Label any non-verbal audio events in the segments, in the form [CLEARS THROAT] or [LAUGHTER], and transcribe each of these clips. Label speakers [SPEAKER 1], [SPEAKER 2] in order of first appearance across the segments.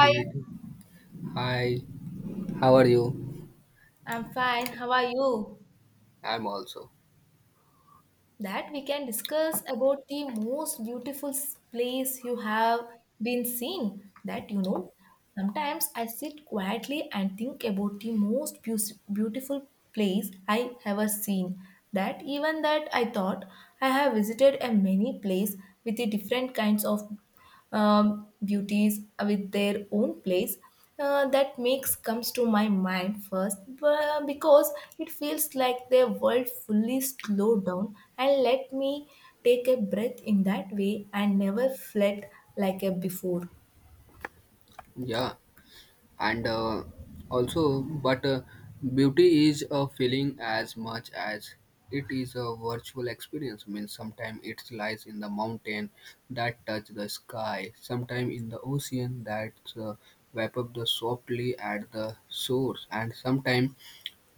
[SPEAKER 1] Hi,
[SPEAKER 2] Related. Hi, how are you?
[SPEAKER 1] I'm fine. How are you?
[SPEAKER 2] I'm also.
[SPEAKER 1] That we can discuss about the most beautiful place you have been seen. That you know, sometimes I sit quietly and think about the most beautiful place I ever seen. That even that I thought I have visited a many place with the different kinds of beauties with their own place that makes comes to my mind first because it feels like their world fully slowed down and let me take a breath in that way and never fled like a before
[SPEAKER 2] Yeah, and also, but beauty is a feeling as much as it is a virtual experience. Means sometimes it lies in the mountain that touch the sky, sometimes in the ocean that uh, wrap up the softly at the source, and sometimes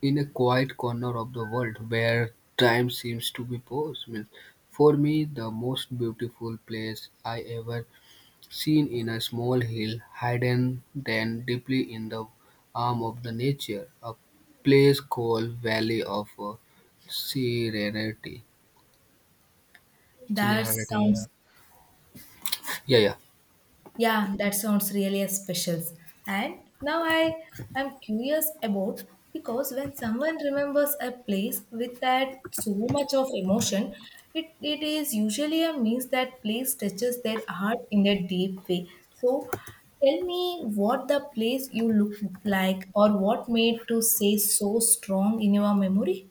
[SPEAKER 2] in a quiet corner of the world where time seems to be paused. Means for me, the most beautiful place I ever seen in a small hill, hidden then deeply in the arm of the nature, a place called Valley of Serenity.
[SPEAKER 1] that
[SPEAKER 2] Serenity, yeah.
[SPEAKER 1] sounds.
[SPEAKER 2] Yeah, yeah.
[SPEAKER 1] Yeah, that sounds really special. And now I am curious about, because when someone remembers a place with that so much of emotion, it is usually a means that place touches their heart in a deep way. So tell me what the place you look like, or what made to say so strong in your memory?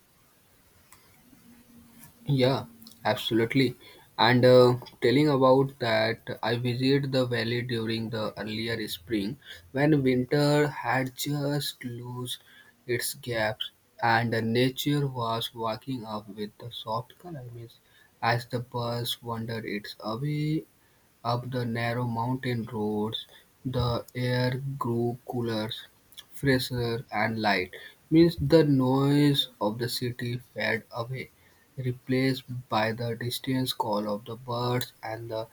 [SPEAKER 2] Yeah, absolutely. And Telling about that, I visited the valley during the earlier spring when winter had just loosed its gaps and the nature was waking up with the soft color mist as the birds wandered its away up the narrow mountain roads, the air grew cooler, fresher and light. Means the noise of the city faded away, replaced by the distant call of the birds and the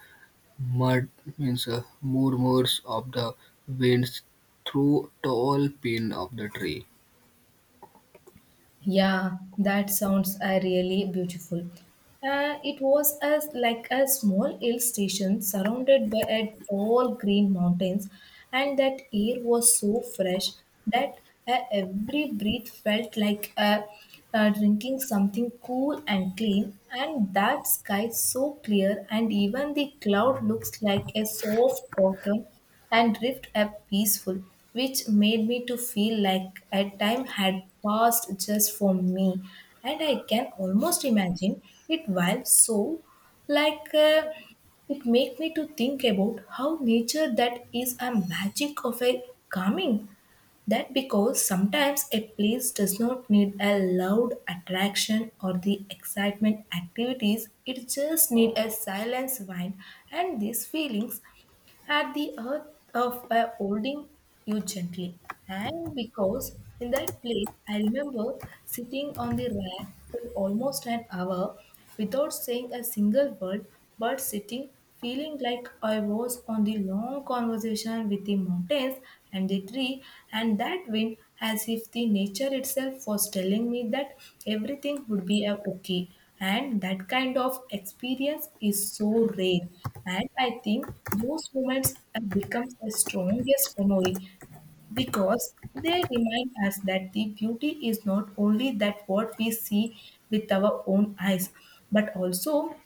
[SPEAKER 2] mud, means murmurs of the winds through tall pin of the tree.
[SPEAKER 1] Yeah, that sounds really beautiful. It was as like a small hill station surrounded by a tall green mountains, and that air was so fresh that every breath felt like drinking something cool and clean. And that sky so clear, and even the cloud looks like a soft cotton and drift up peaceful, which made me to feel like a time had passed just for me. And I can almost imagine it while so like it make me to think about how nature that is a magic of a calming, that because sometimes a place does not need a loud attraction or the excitement activities, it just need a silence wine and these feelings at the earth of by holding you gently. And because in that place, I remember sitting on the rack for almost an hour without saying a single word, but sitting, feeling like I was on the long conversation with the mountains and the tree and that wind, as if the nature itself was telling me that everything would be a okay. And that kind of experience is so rare, and I think those moments have become the strongest memory, because they remind us that the beauty is not only that what we see with our own eyes, but also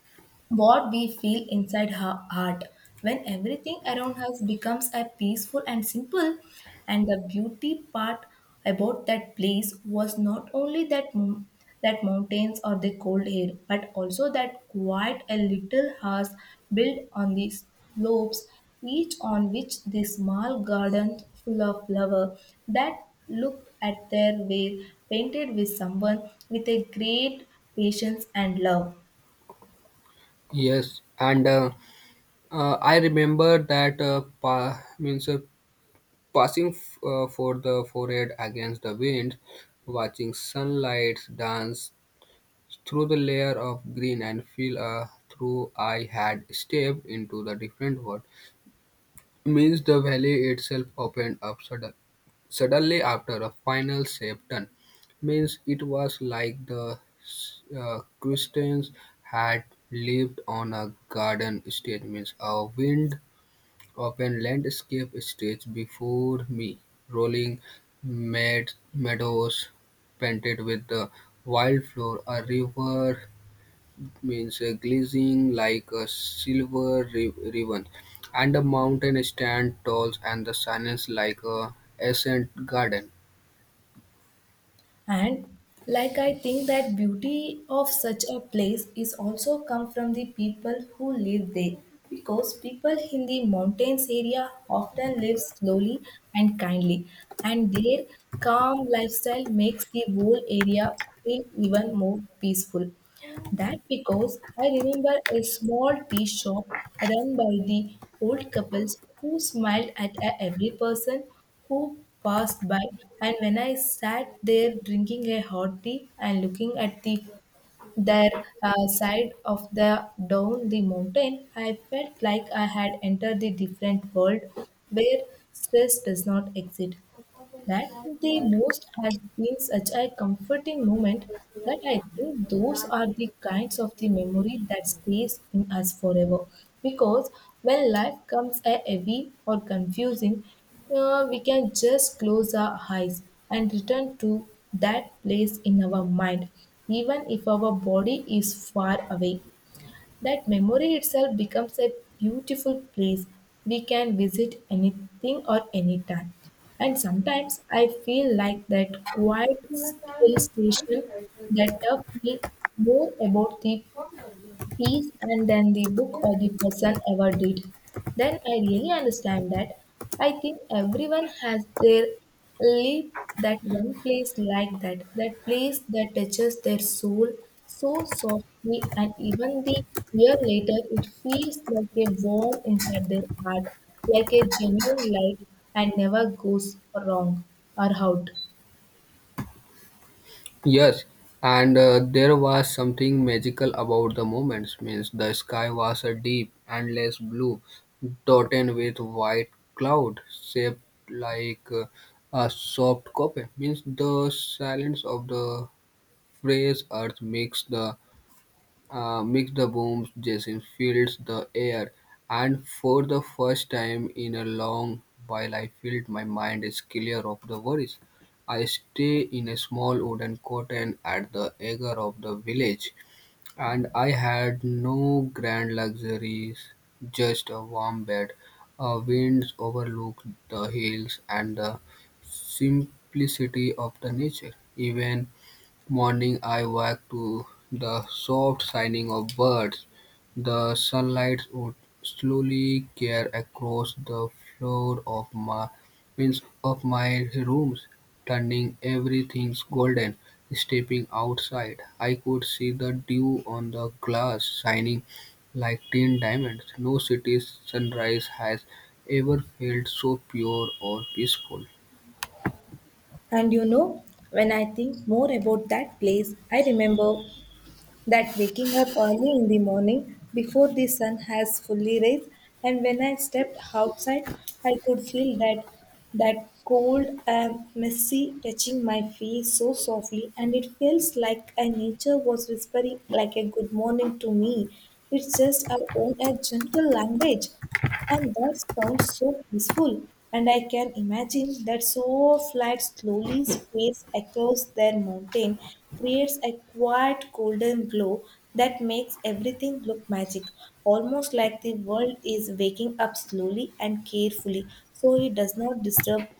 [SPEAKER 1] what we feel inside her heart when everything around us becomes a peaceful and simple. And the beauty part about that place was not only that that mountains or the cold air, but also that quite a little house built on the slopes, each on which the small garden full of flower that looked at their way painted with someone with a great patience and love.
[SPEAKER 2] Yes, and I remember that pa- means passing for the forehead against the wind, watching sunlight dance through the layer of green and feel through I had stepped into the different world. Means the valley itself opened up suddenly after a final shape turn. Means it was like the Christians had lived on a garden stage. Means a wind open landscape stretched before me, rolling meadows painted with the wildflower, a river means glistening like a silver ribbon, and the mountain stand tall and the silence like a ancient garden.
[SPEAKER 1] And like, I think that beauty of such a place is also come from the people who live there, because people in the mountains area often live slowly and kindly, and their calm lifestyle makes the whole area feel even more peaceful. That because I remember a small tea shop run by the old couples who smiled at every person who passed by. And when I sat there drinking a hot tea and looking at the their side of the down the mountain, I felt like I had entered the different world where stress does not exist. That the most has been such a comforting moment, that I think those are the kinds of the memory that stays in us forever. Because when life comes a heavy or confusing, we can just close our eyes and return to that place in our mind, even if our body is far away. That memory itself becomes a beautiful place we can visit anything or anytime. And sometimes I feel like that quiet hill station, that taught me more about the piece and then the book or the person ever did, then I really understand that. I think everyone has their leap that one place like that, that place that touches their soul so softly, and even the year later, it feels like a warm inside their heart, like a genuine light and never goes wrong or out.
[SPEAKER 2] Yes, and there was something magical about the moments. Means the sky was a deep, endless blue, dotted with white cloud shaped like uh, a soft copy. Means the silence of the fresh earth makes the mix the booms, Jason fills the air, and for the first time in a long while, I felt my mind is clear of the worries. I stay in a small wooden cotton at the edge of the village, and I had no grand luxuries, just a warm bed, a winds overlook the hills, and the simplicity of the nature. Even morning, I woke to the soft singing of birds. The sunlight would slowly tear across the floor of my, means of my rooms, turning everything golden. Stepping outside, I could see the dew on the glass shining like tin diamonds. No city's sunrise has ever felt so pure or peaceful.
[SPEAKER 1] And you know, when I think more about that place, I remember that waking up early in the morning before the sun has fully raised, and when I stepped outside, I could feel that that cold and messy touching my face so softly, and it feels like a nature was whispering like a good morning to me. It's just our own a gentle language, and that sounds so peaceful. And I can imagine that so flight slowly space across their mountain creates a quiet golden glow that makes everything look magic, almost like the world is waking up slowly and carefully so it does not disturb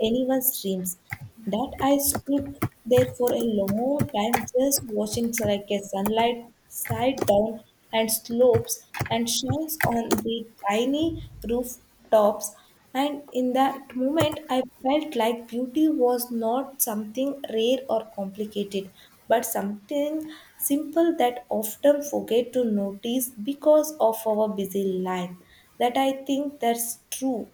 [SPEAKER 1] anyone's dreams. That I stood there for a long time just watching so like a sunlight side down and slopes and shines on the tiny rooftops. And in that moment, I felt like beauty was not something rare or complicated, but something simple that often forget to notice because of our busy life. That I think that's true,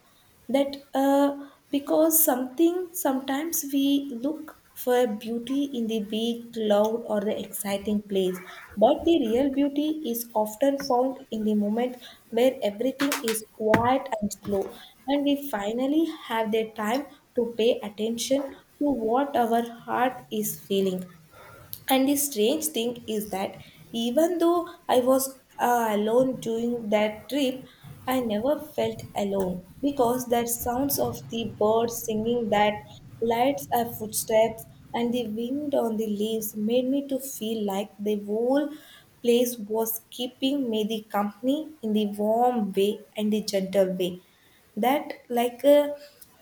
[SPEAKER 1] that because something sometimes we look for beauty in the big cloud or the exciting place, but the real beauty is often found in the moment where everything is quiet and slow, and we finally have the time to pay attention to what our heart is feeling. And the strange thing is that even though I was alone during that trip, I never felt alone, because that sounds of the birds singing, that lights of footsteps, and the wind on the leaves made me to feel like the whole place was keeping me the company in the warm way and the gentle way. That like uh,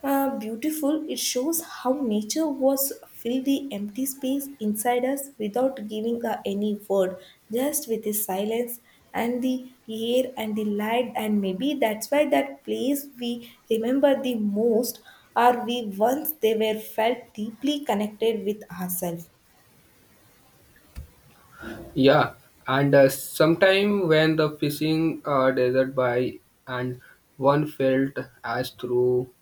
[SPEAKER 1] uh, beautiful, it shows how nature was filled the empty space inside us without giving any word, just with the silence and the air and the light. And maybe that's why that place we remember the most are we once they were felt deeply connected with ourselves.
[SPEAKER 2] Yeah, and sometime when the fishing desert by and one felt as through,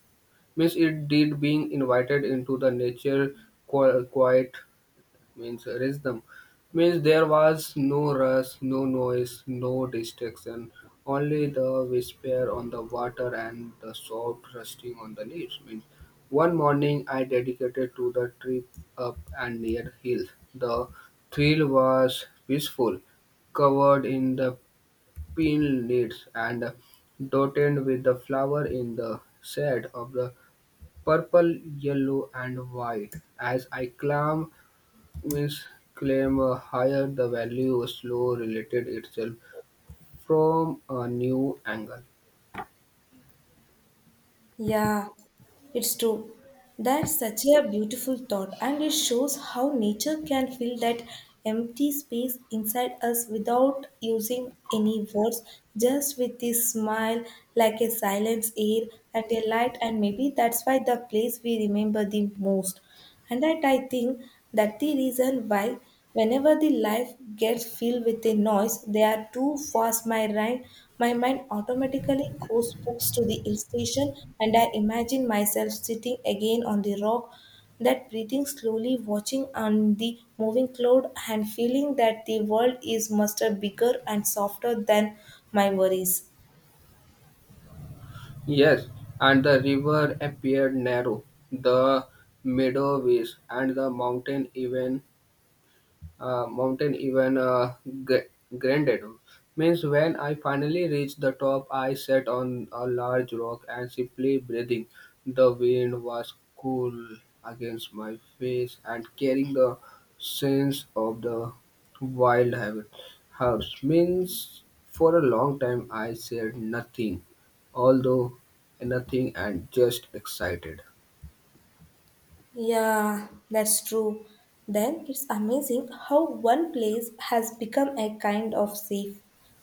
[SPEAKER 2] means it did being invited into the nature quiet means rhythm. Means there was no rush, no noise, no distraction, only the whisper on the water and the soft rustling on the leaves. Means one morning I dedicated to the trip up and near hill. The thrill was peaceful, covered in the pin leaves and dotted with the flower in the shade of the purple, yellow, and white. As I climbed, means claim a higher the value slow related itself from a new angle.
[SPEAKER 1] Yeah, it's true. That's such a beautiful thought, and it shows how nature can fill that empty space inside us without using any words, just with this smile, like a silence air and a light, and maybe that's why the place we remember the most. And that I think that the reason why, whenever the life gets filled with a noise they are too fast, my mind automatically goes books to the hill station, and I imagine myself sitting again on the rock, that breathing slowly, watching on the moving cloud and feeling that the world is much bigger and softer than my worries.
[SPEAKER 2] Yes, and the river appeared narrow, the meadow waste and the mountain even, mountain even gr- granted. Means when I finally reached the top I sat on a large rock and simply breathing. The wind was cool against my face and carrying the sense of the wild habit house. Means for a long time I said nothing, although nothing and just excited.
[SPEAKER 1] Yeah, that's true. Then it's amazing how one place has become a kind of safe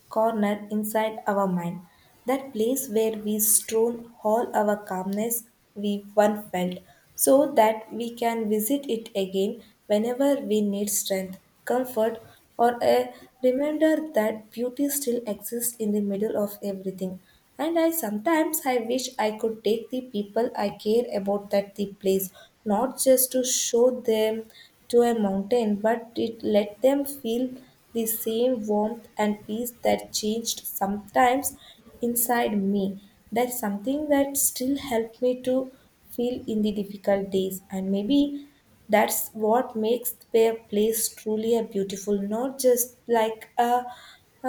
[SPEAKER 1] corner inside our mind. That place where we stone all our calmness we once felt, so that we can visit it again whenever we need strength, comfort, or a reminder that beauty still exists in the middle of everything. And I sometimes I wish I could take the people I care about that the place, not just to show them to a mountain, but it let them feel the same warmth and peace that changed sometimes inside me. That's something that still helped me to feel in the difficult days. And maybe that's what makes their place truly a beautiful, not just like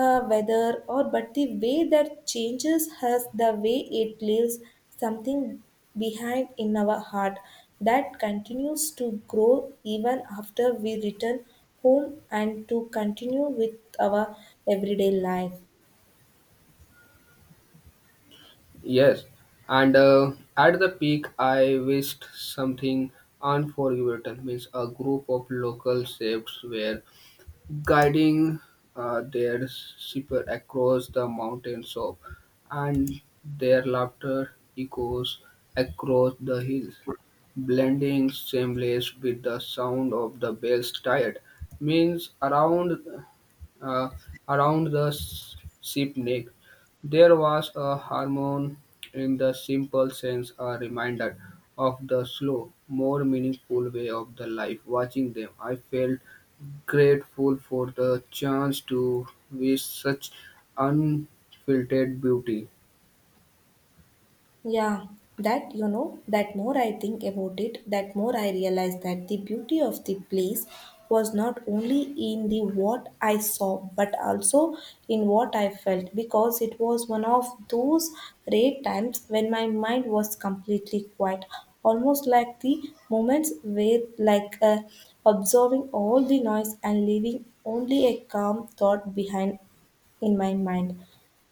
[SPEAKER 1] a weather or but the way that changes has the way it leaves something behind in our heart that continues to grow even after we return home and to continue with our everyday life.
[SPEAKER 2] Yes, and at the peak, I wished something unforgettable. Means a group of local chefs were guiding their shipper across the mountains of, and their laughter echoes across the hills, blending seamless with the sound of the bells tired means around uh, around the ship neck. There was a harmony in the simple sense, a reminder of the slow, more meaningful way of the life. Watching them, I felt grateful for the chance to wish such unfiltered beauty.
[SPEAKER 1] Yeah, that you know, that more I think about it, that more I realize that the beauty of the place was not only in the what I saw but also in what I felt, because it was one of those rare times when my mind was completely quiet, almost like the moments where like observing all the noise and leaving only a calm thought behind in my mind.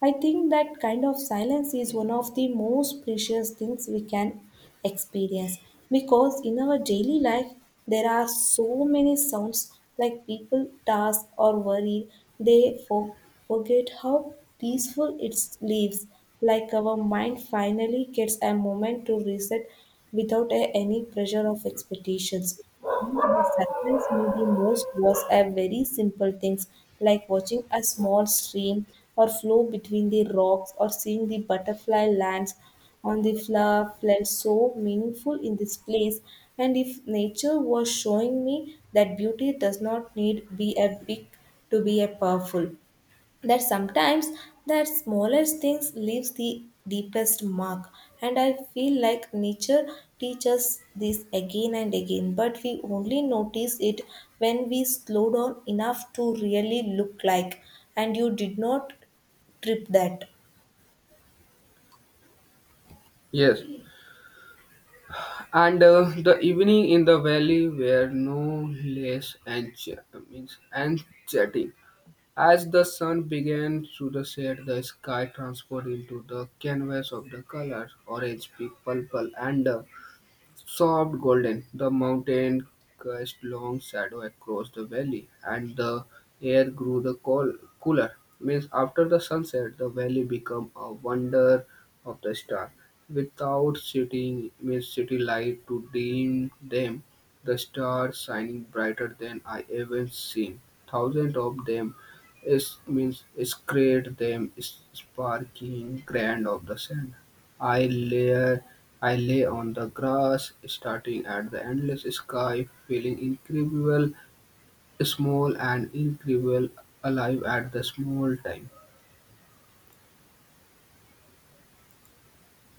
[SPEAKER 1] I think that kind of silence is one of the most precious things we can experience, because in our daily life there are so many sounds like people tasks, or worry, they forget how peaceful it lives, like our mind finally gets a moment to reset without any pressure of expectations. The surprise me the most was a very simple things like watching a small stream or flow between the rocks or seeing the butterfly lands on the floor felt so meaningful in this place and if nature was showing me that beauty does not need be a big to be a powerful, that sometimes the smallest things leaves the deepest mark. And I feel like nature teaches this again and again, but we only notice it when we slow down enough to really look like. And you did not trip that.
[SPEAKER 2] Yes, and the evening in the valley were no less means enchanting. As the sun began to the set, the sky transformed into the canvas of the colors, orange, pink, purple, and soft golden. The mountain cast long shadow across the valley, and the air grew the cooler. Means after the sunset, the valley became a wonder of the star. Without city, means city light to dim them, the stars shining brighter than I ever seen. Thousands of them is means scraped them, sparking grand of the sand. I layer I lay on the grass, staring at the endless sky, feeling incredible small and incredible alive at the small time.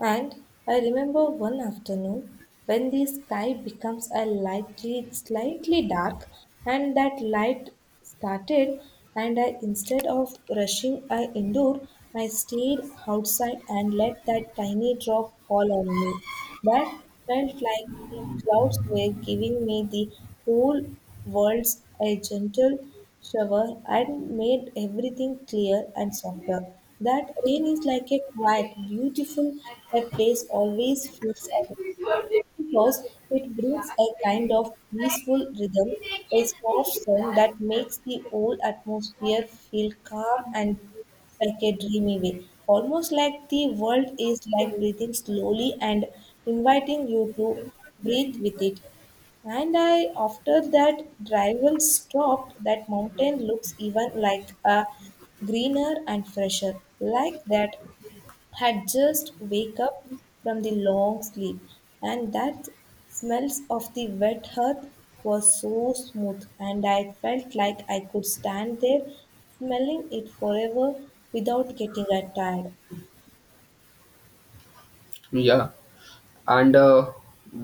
[SPEAKER 1] And I remember one afternoon when the sky becomes a lightly, slightly dark, and that light started, and I instead of rushing I indoor, I stayed outside and let that tiny drop fall on me. That felt like the clouds were giving me the whole world's a gentle shower and made everything clear and softer. That rain is like a quiet, beautiful that place always feels at because it brings a kind of peaceful rhythm, a soft song that makes the whole atmosphere feel calm and like a dreamy way. Almost like the world is like breathing slowly and inviting you to breathe with it. And I, after that drivel stopped, that mountain looks even like a greener and fresher, like that had just wake up from the long sleep and that smells of the wet earth was so smooth, and I felt like I could stand there smelling it forever without getting tired.
[SPEAKER 2] Yeah, and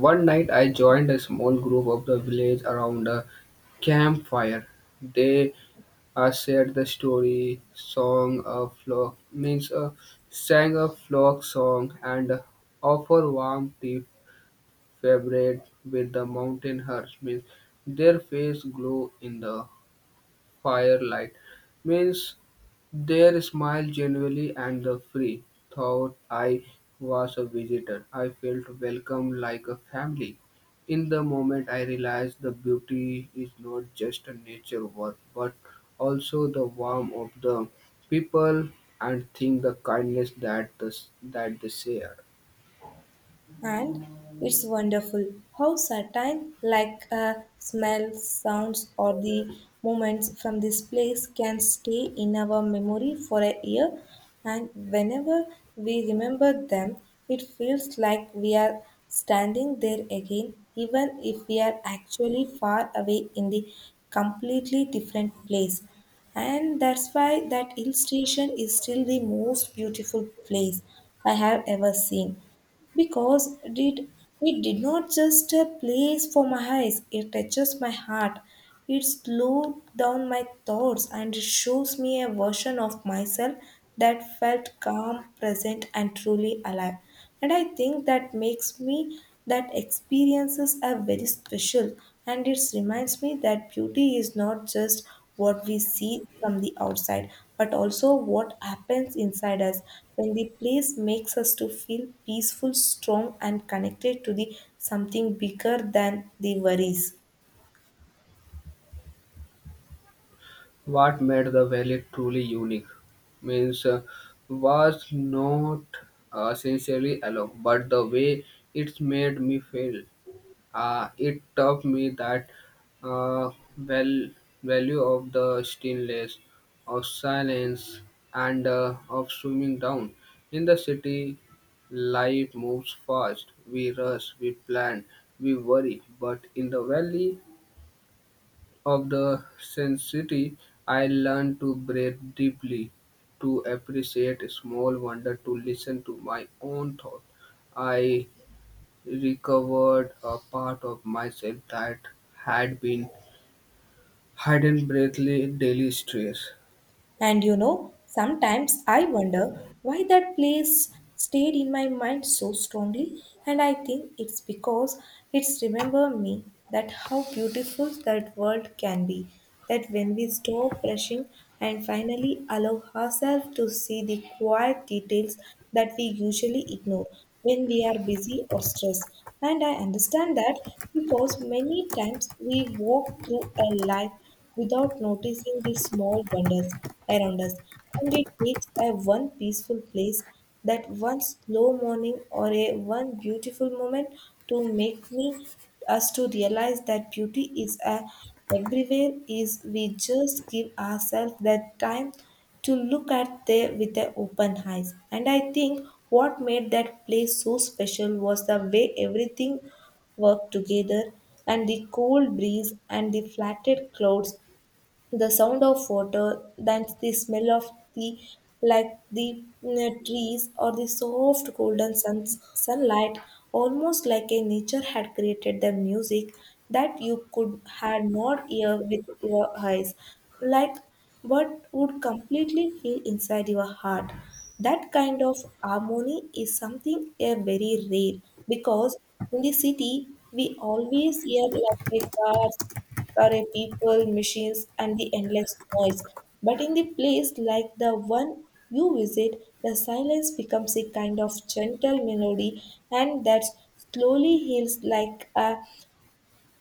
[SPEAKER 2] one night I joined a small group of the village around a campfire. They shared the story, song a flock, means sang a flock song and offer warm tea favored with the mountain hearts. Means their face glow in the firelight. Means their smile genuinely and the free thought I was a visitor. I felt welcome like a family. In the moment I realized the beauty is not just a nature work but also the warmth of the people and think the kindness that the, that they share.
[SPEAKER 1] And it's wonderful how certain, like a smell, sounds, or the moments from this place can stay in our memory for a year. And whenever we remember them, it feels like we are standing there again, even if we are actually far away in the completely different place. And that's why that hill station is still the most beautiful place I have ever seen, because it did not just a place for my eyes, it touches my heart. It slows down my thoughts and it shows me a version of myself that felt calm, present, and truly alive. And I think that makes me that experiences are very special, and it reminds me that beauty is not just what we see from the outside but also what happens inside us when the place makes us to feel peaceful strong and connected to the something bigger than the worries.
[SPEAKER 2] What made the valley truly unique, means was not sincerely alone, but the way it made me feel. It taught me that uh, well value of the stillness, of silence, and of swimming down. In the city, life moves fast. We rush, we plan, we worry, but in the valley, of the sensitivity, I learned to breathe deeply, to appreciate small wonder, to listen to my own thought. I recovered a part of myself that had been hidden breathly daily stress.
[SPEAKER 1] And you know, sometimes I wonder why that place stayed in my mind so strongly, and I think it's because it's remember me that how beautiful that world can be, that when we stop rushing and finally allow ourselves to see the quiet details that we usually ignore when we are busy or stressed. And I understand that because many times we walk through a life without noticing the small wonders around us. And it takes a one peaceful place, that one slow morning or a one beautiful moment to make me us to realize that beauty is a, everywhere is we just give ourselves that time to look at there with their open eyes. And I think what made that place so special was the way everything work together, and the cold breeze and the flattened clouds, the sound of water, then the smell of the like the trees or the soft golden sun, sunlight, almost like a nature had created the music that you could had not hear with your eyes, like what would completely feel inside your heart. That kind of harmony is something a very rare because in the city we always hear like a cars or a people, machines and the endless noise. But in the place like the one you visit, the silence becomes a kind of gentle melody, and that slowly heals like a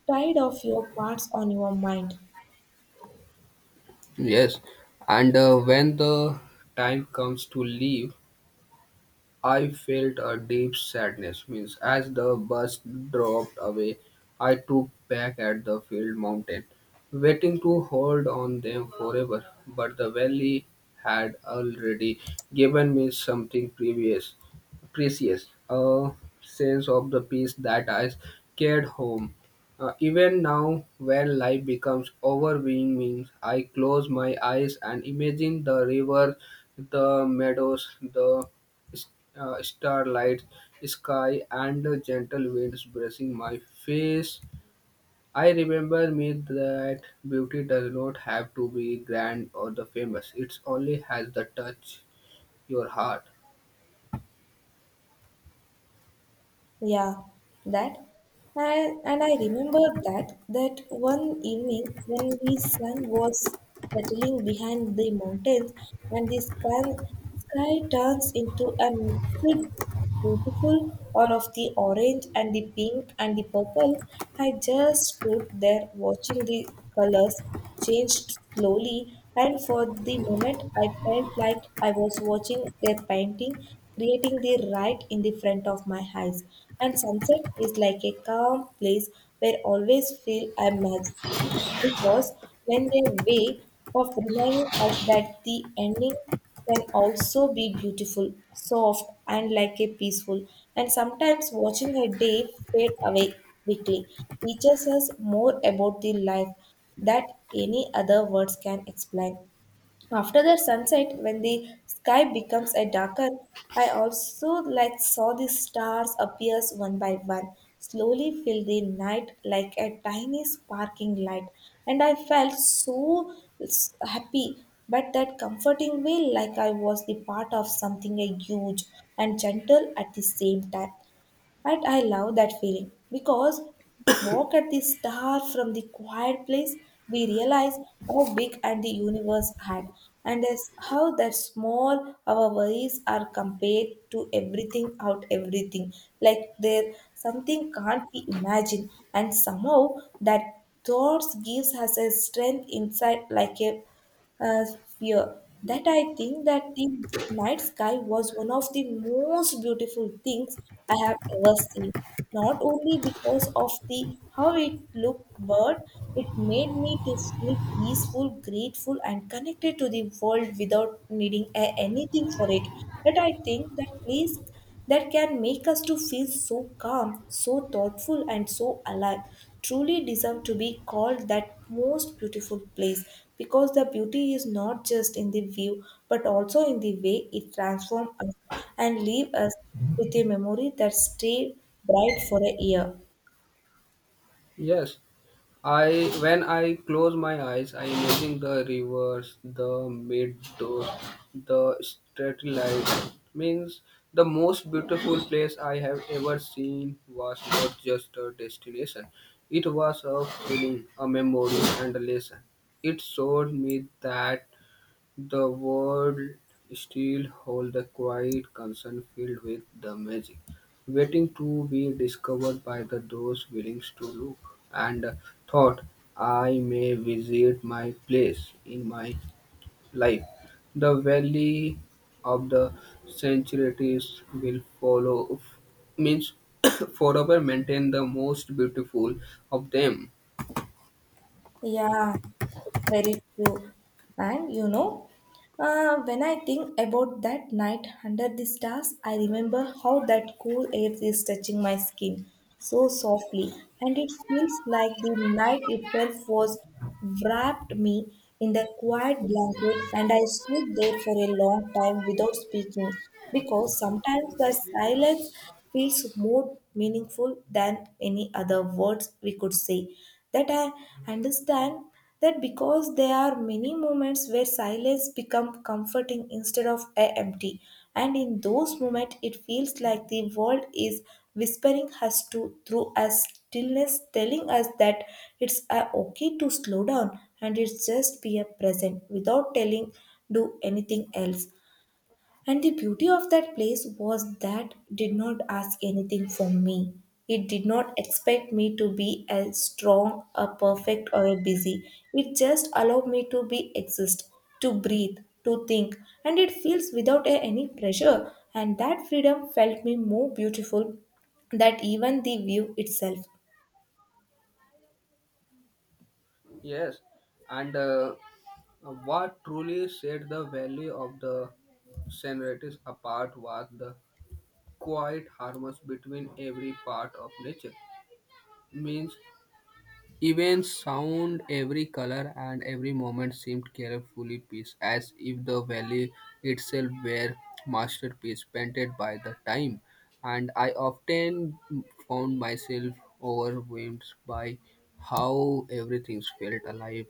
[SPEAKER 1] tide of your parts on your mind.
[SPEAKER 2] Yes, and when the time comes to leave, I felt a deep sadness. Means as the bus dropped away, I took back at the field mountain, waiting to hold on them forever. But the valley had already given me something precious, a sense of the peace that I carried home. Even now, when life becomes overwhelming, I close my eyes and imagine the river, the meadows, the s- starlight sky and the gentle winds brushing my face. I remember me that beauty does not have to be grand or the famous. It only has the touch your heart.
[SPEAKER 1] Yeah, that. And I remember that that one evening when the sun was settling behind the mountains and the sky turns into a mixed beautiful all of the orange and the pink and the purple, I just stood there watching the colors changed slowly, and for the moment I felt like I was watching a painting creating the right in the front of my eyes. And sunset is like a calm place where I always feel I'm magic because when their way of reminding us that the ending can also be beautiful, soft, and like a peaceful, and sometimes watching a day fade away quickly teaches us more about the life that any other words can explain. After the sunset, when the sky becomes a darker, I also like saw the stars appears one by one, slowly fill the night like a tiny sparkling light, and I felt so happy, but that comforting way like I was the part of something a huge and gentle at the same time. And I love that feeling because we walk at the star from the quiet place, we realize how big and the universe had, and as how that small our worries are compared to everything out everything. Like there something can't be imagined, and somehow that thoughts gives us a strength inside like a sphere that I think that the night sky was one of the most beautiful things I have ever seen. Not only because of the how it looked, but it made me to feel peaceful, grateful, and connected to the world without needing anything for it. That I think that place that can make us to feel so calm, so thoughtful and so alive truly deserve to be called that most beautiful place because the beauty is not just in the view but also in the way it transforms us and leave us with a memory that stay bright for a year.
[SPEAKER 2] Yes, I when I close my eyes, I imagine the rivers, the meadows, the street lights. Means the most beautiful place I have ever seen was not just a destination. It was a feeling, a memory, and a lesson. It showed me that the world still holds a quiet concern filled with the magic, waiting to be discovered by the those willing to look. And thought I may visit my place in my life, the valley of the centuries will follow, means [COUGHS] forever maintain the most beautiful of them.
[SPEAKER 1] Yeah, it's very true. And you know, when I think about that night under the stars, I remember how that cool air is touching my skin so softly, and it feels like the night itself was wrapped me in the quiet blanket, and I stood there for a long time without speaking because sometimes the silence feels more meaningful than any other words we could say. That I understand that because there are many moments where silence become comforting instead of empty, and in those moments it feels like the world is whispering us to through a stillness telling us that it's okay to slow down and it's just be a present without telling do anything else. And the beauty of that place was that did not ask anything from me. It did not expect me to be as strong, a perfect, or a busy. It just allowed me to be exist, to breathe, to think, and it feels without any pressure. And that freedom felt me more beautiful than even the view itself.
[SPEAKER 2] Yes, and what truly set the value of the Senratis apart was the quiet harmony between every part of nature. Means even sound, every color and every moment seemed carefully pieced, as if the valley itself were masterpiece painted by the time. And I often found myself overwhelmed by how everything felt alive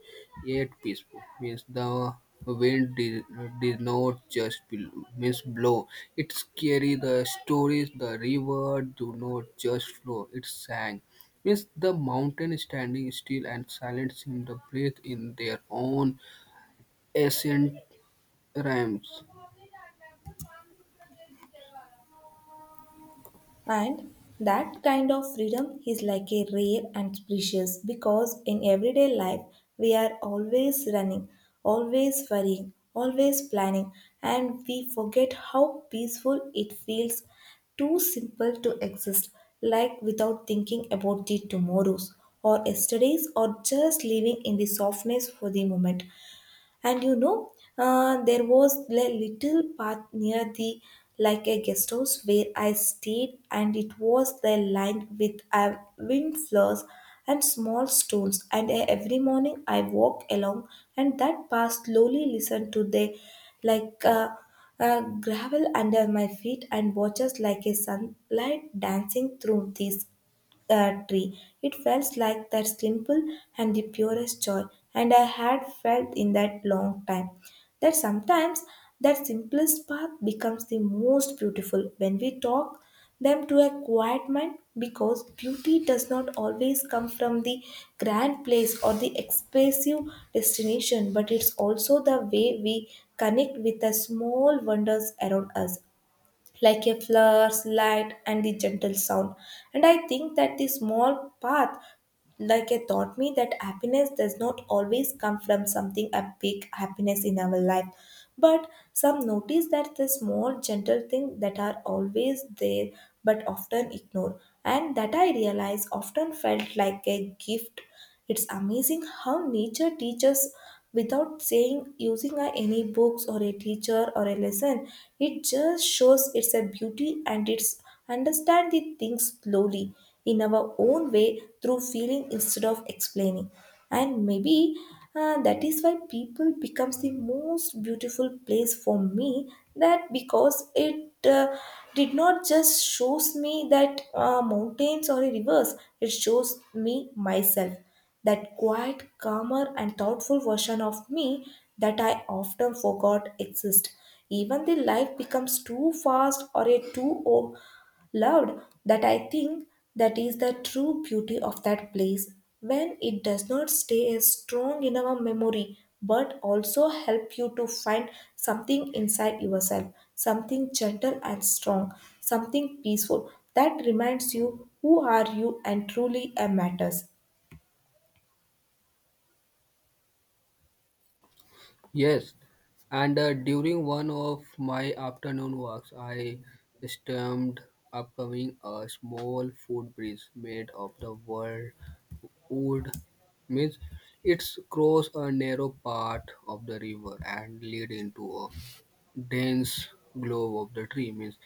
[SPEAKER 2] yet peaceful. Means the wind did not just means blow; it carried the stories. The river do not just flow; it sang. Yes, the mountain standing still and silent seemed to breathe in their own ancient rhymes.
[SPEAKER 1] And that kind of freedom is like a rare and precious because in everyday life we are always running, always worrying, always planning, and we forget how peaceful it feels too simple to exist, like without thinking about the tomorrows or yesterdays or just living in the softness for the moment. And you know, there was a little path near the like a guest house where I stayed, and it was the lined with wind flowers and small stones. And every morning I walked along, and that path slowly listened to the like gravel under my feet and watches like a sunlight dancing through these tree. It felt like that simple and the purest joy, and I had felt in that long time. That sometimes that simplest path becomes the most beautiful when we talk them to a quiet mind because beauty does not always come from the grand place or the expensive destination but it's also the way we connect with the small wonders around us like a flower's light and the gentle sound. And I think that the small path, like a taught me that happiness does not always come from something a big happiness in our life. But some notice that the small gentle things that are always there but often ignored. And that I realize often felt like a gift. It's amazing how nature teaches without saying using any books or a teacher or a lesson. It just shows its a beauty and its understand the things slowly in our own way through feeling instead of explaining. And maybe that is why people becomes the most beautiful place for me that because it did not just shows me that mountains or a rivers, it shows me myself, that quiet calmer and thoughtful version of me that I often forgot exist even the life becomes too fast or a loved. That I think that is the true beauty of that place when it does not stay as strong in our memory but also help you to find something inside yourself, something gentle and strong, something peaceful that reminds you who are you and truly matters.
[SPEAKER 2] Yes, and during one of my afternoon walks, I stumbled upcoming a small food bridge made of the world wood. Means it's cross a narrow part of the river and lead into a dense grove of the tree. Means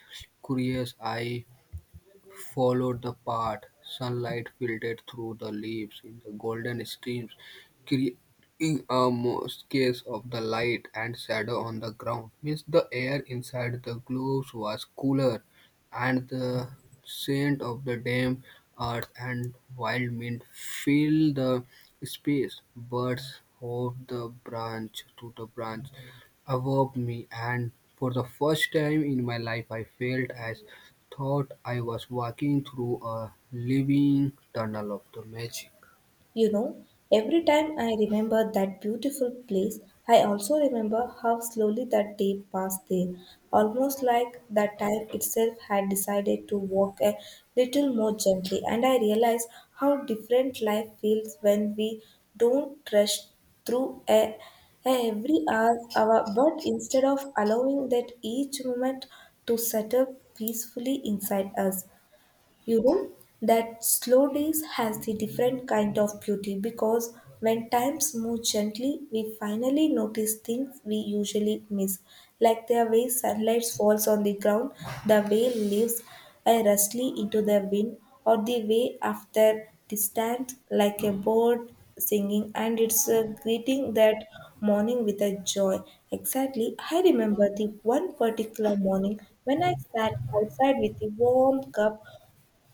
[SPEAKER 2] curious, I followed the path. Sunlight filtered through the leaves in the golden streams, creating a mosaic of the light and shadow on the ground. Means the air inside the gloves was cooler, and the scent of the damp earth and wild mint filled the space. Birds hopped the branch to the branch, awoke me, and for the first time in my life, I felt as thought I was walking through a living tunnel of the magic.
[SPEAKER 1] You know, every time I remember that beautiful place, I also remember how slowly that day passed there, almost like that time itself had decided to walk a little more gently. And I realized how different life feels when we don't rush through a every hour, but instead of allowing that each moment to settle peacefully inside us. You know, that slow days has the different kind of beauty because when times move gently, we finally notice things we usually miss, like the way sunlight falls on the ground, the way leaves rustly into the wind, or the way after distant like a bird singing and it's a greeting that morning with a joy. Exactly, I remember the one particular morning when I sat outside with a warm cup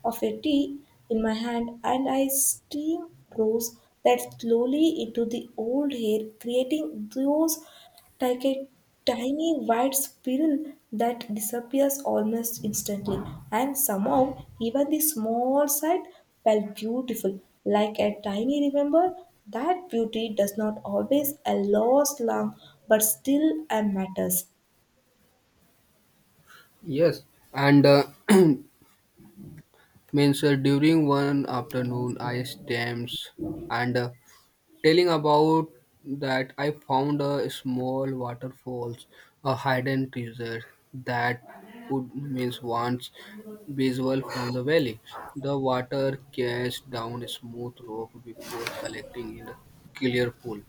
[SPEAKER 1] of a tea in my hand and I steam rose that slowly into the old hair, creating those like a tiny white spiral that disappears almost instantly. And somehow, even the small sight felt beautiful, like a tiny remember that beauty does not always a last long but still a matters.
[SPEAKER 2] Yes, and [CLEARS THROAT] means during one afternoon, I stamps and telling about that I found a small waterfalls, a hidden treasure that would means once visible from the valley. The water cashed down a smooth rock before collecting in a clear pool.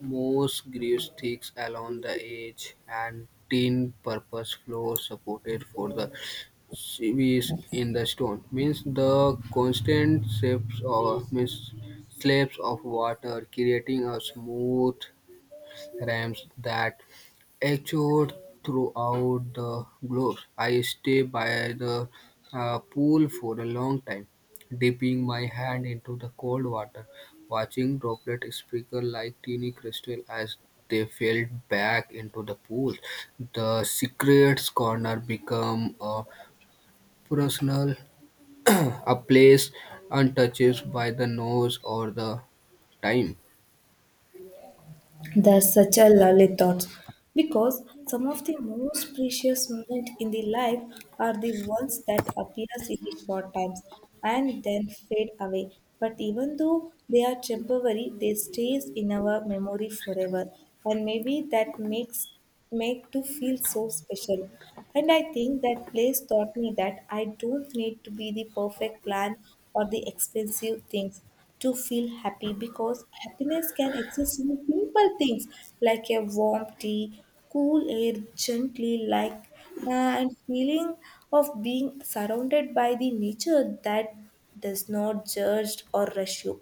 [SPEAKER 2] Moss grew sticks along the edge and tin purpose floor supported for the sieves in the stone. Means the constant seeps of, means slabs of water, creating a smooth ramps that echoed throughout the globe. I stay by the pool for a long time, dipping my hand into the cold water, watching droplets sparkle like teeny crystal as they fell back into the pool. The secret corner become a personal, [CLEARS THROAT] a place untouched by the nose or the time.
[SPEAKER 1] That's such a lovely thought because some of the most precious moments in the life are the ones that appears in the short times and then fade away. But even though they are temporary, they stays in our memory forever. And maybe that makes make to feel so special. And I think that place taught me that I don't need to be the perfect plan or the expensive things to feel happy because happiness can exist in simple things like a warm tea, cool air gently like and feeling of being surrounded by the nature that does not judge or rush you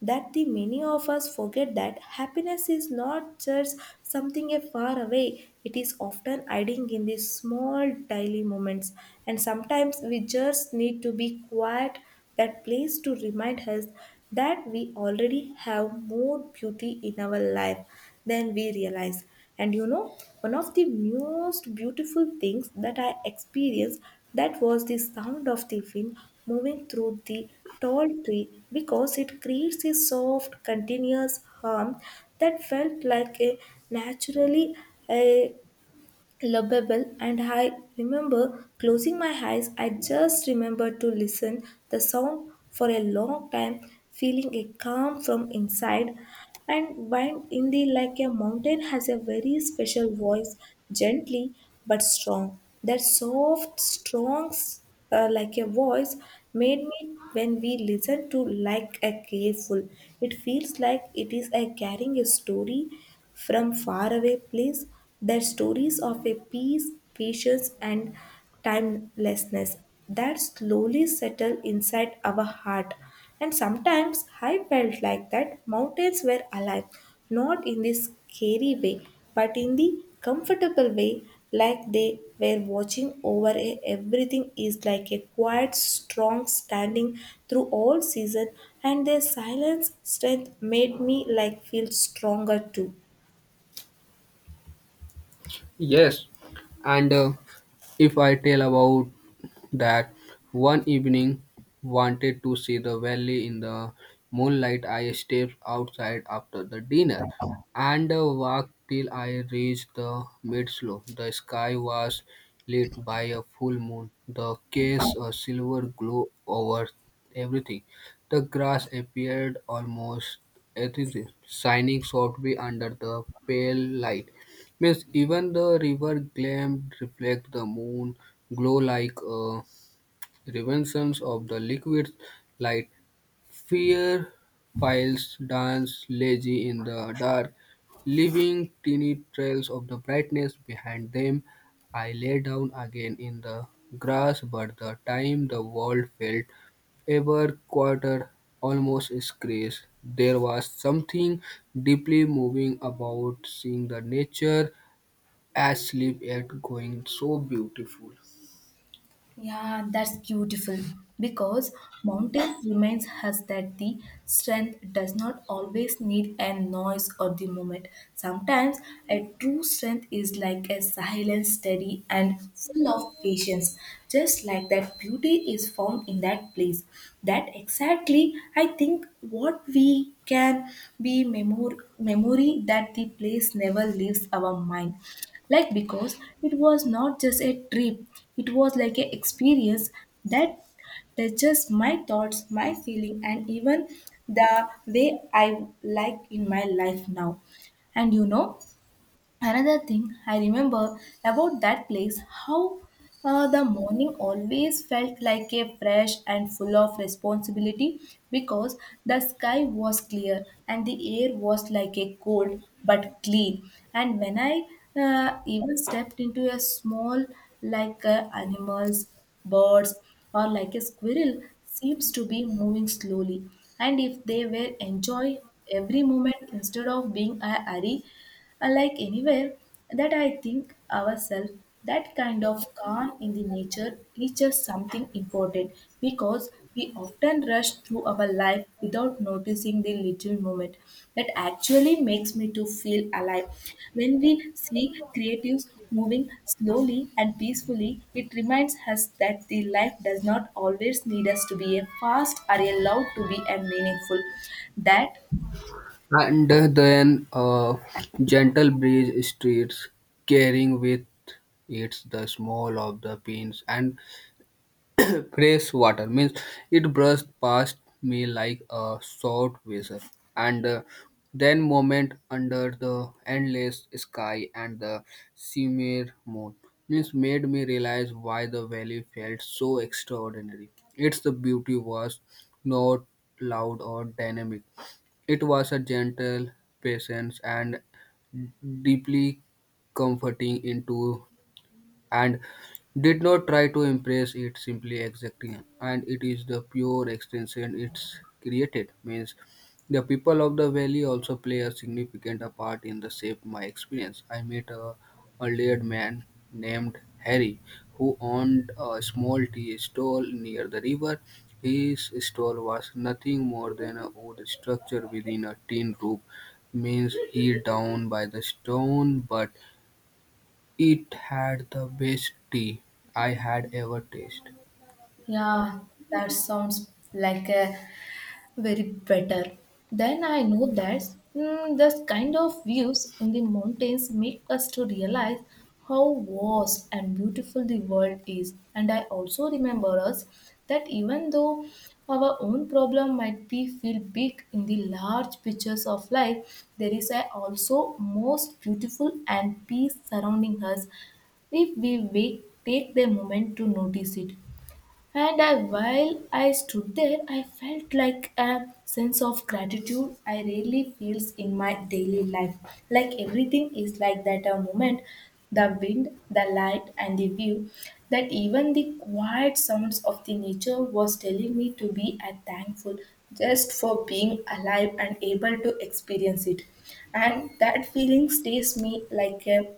[SPEAKER 1] that the many of us forget that happiness is not just something a far away, it is often hiding in these small daily moments, and sometimes we just need to be quiet that place to remind us that we already have more beauty in our life than we realize. And you know, one of the most beautiful things that I experienced that was the sound of the wind moving through the tall tree because it creates a soft, continuous hum that felt like a naturally a lovable. And I remember closing my eyes, I just remember to listen the sound for a long time, feeling a calm from inside. And wind in the like a mountain has a very special voice, gently but strong, that soft strong, like a voice made me when we listen to like a careful, it feels like it is a carrying a story from far away place, that stories of a peace, patience, and timelessness that slowly settle inside our heart. And sometimes I felt like that mountains were alive, not in this scary way, but in the comfortable way, like they were watching over everything is like a quiet, strong standing through all season, and their silence strength made me like feel stronger too.
[SPEAKER 2] Yes, and if I tell about that one evening wanted to see the valley in the moonlight, I stepped outside after the dinner and walked till I reached the mid-slope. The sky was lit by a full moon the cast a silver glow over everything. The grass appeared almost ethereal, shining softly under the pale light. Means even the river gleamed reflect the moon glow like a reminiscent of the liquid light. Fireflies dance lazy in the dark, leaving tiny trails of the brightness behind them. I lay down again in the grass, but the time the world felt ever quieter, almost scarce. There was something deeply moving about seeing the nature as sleep yet going so beautiful.
[SPEAKER 1] Yeah, that's beautiful because mountains reminds us that the strength does not always need a noise or the moment. Sometimes a true strength is like a silent, steady, and full of patience. Just like that, beauty is found in that place. That exactly, I think, what we can be memory that the place never leaves our mind like because it was not just a trip, it was like an experience that touches my thoughts, my feeling, and even the way I like in my life now. And you know, another thing I remember about that place, how the morning always felt like a fresh and full of responsibility because the sky was clear and the air was like a cold but clean. And when I even stepped into a small like animals, birds, or like a squirrel, seems to be moving slowly. And if they were enjoy every moment instead of being a hurry, like anywhere, that I think ourselves that kind of calm in the nature teaches something important because we often rush through our life without noticing the little moment that actually makes me to feel alive. When we see creatives moving slowly and peacefully, it reminds us that the life does not always need us to be a fast or a loud to be a meaningful. That
[SPEAKER 2] And then a gentle breeze streets, carrying with it the smell of the beans and [COUGHS] [CLEARS THROAT] fresh water. Means it brushed past me like a short vessel. And Then moment under the endless sky and the shimmer moon. Means made me realize why the valley felt so extraordinary. Its the beauty was not loud or dynamic, it was a gentle patience, and deeply comforting into and did not try to impress, it simply exacting and it is the pure extension it's created. Means the people of the valley also play a significant part in the shape my experience. I met a laird man named Harry who owned a small tea stall near the river. His stall was nothing more than a wood structure within a tin roof. Means he down by the stone but it had the best tea I had ever tasted.
[SPEAKER 1] yeah, that sounds like a very better. Then I know that mm, this kind of views in the mountains make us to realize how vast and beautiful the world is. And I also remember us that even though our own problem might be feel big in the large pictures of life, there is a also most beautiful and peace surrounding us if we wait, take the moment to notice it. And I, while I stood there, I felt like a sense of gratitude I rarely feels in my daily life. Like everything is like that a moment, the wind, the light, and the view. That even the quiet sounds of the nature was telling me to be a thankful just for being alive and able to experience it, and that feeling stays me like a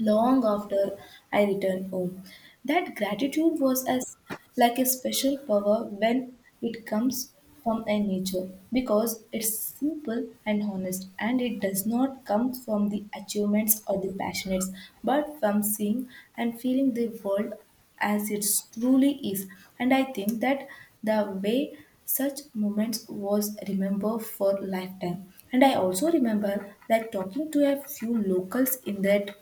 [SPEAKER 1] long after I returned home. That gratitude was as like a special power when it comes from a nature because it's simple and honest and it does not come from the achievements or the passions, but from seeing and feeling the world as it truly is. And I think that the way such moments was remembered for lifetime. And I also remember that talking to a few locals in that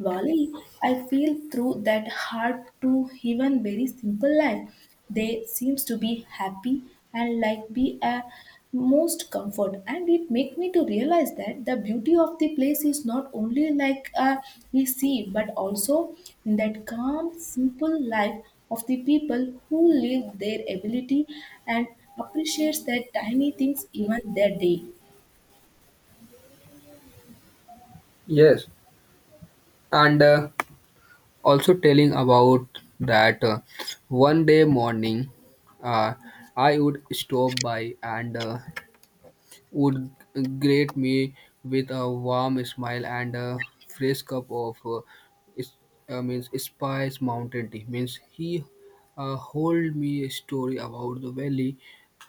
[SPEAKER 1] Wally, I feel through that hard to even very simple life. They seems to be happy and like be a most comfort, and it make me to realize that the beauty of the place is not only like we see but also in that calm simple life of the people who live their ability and appreciates their tiny things even their day.
[SPEAKER 2] Yes, and also telling about that one day morning uh, I would stop by and would greet me with a warm smile and a fresh cup of is- means spice mountain tea. Means he told me a story about the valley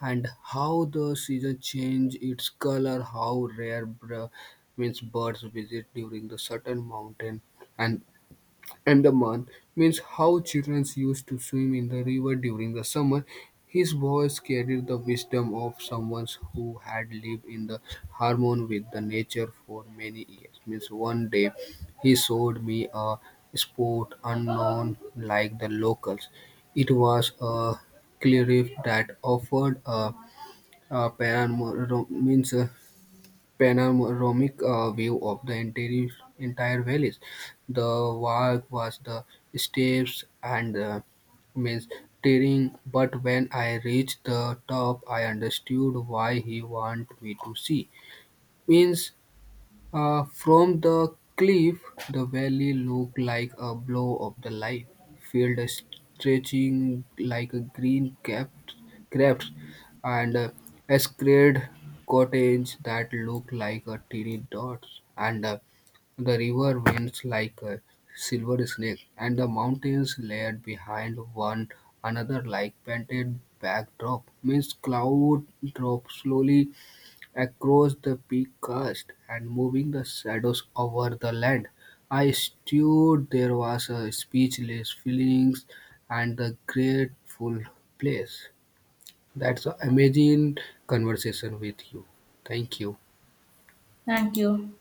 [SPEAKER 2] and how the season change its color, how rare means birds visit during the certain mountain, and Andaman means how children used to swim in the river during the summer. His voice carried the wisdom of someone who had lived in the harmony with the nature for many years. Means one day he showed me a sport unknown like the locals. It was a cliff that offered a panorama, means a panoramic view of the entire valleys. The walk was the steps and the means tiring, but when I reached the top, I understood why he wanted me to see. Means From the cliff, the valley looked like a blow of the light, field stretching like a green capped craft, and squared cottage that looked like a teeny dot, and the river winds like a silver snake, and the mountains layered behind one another like painted backdrop. Means cloud dropped slowly across the peak crest and moving the shadows over the land. I stood there was a speechless feelings and the grateful place. That's an amazing conversation with you. Thank you.
[SPEAKER 1] Thank you.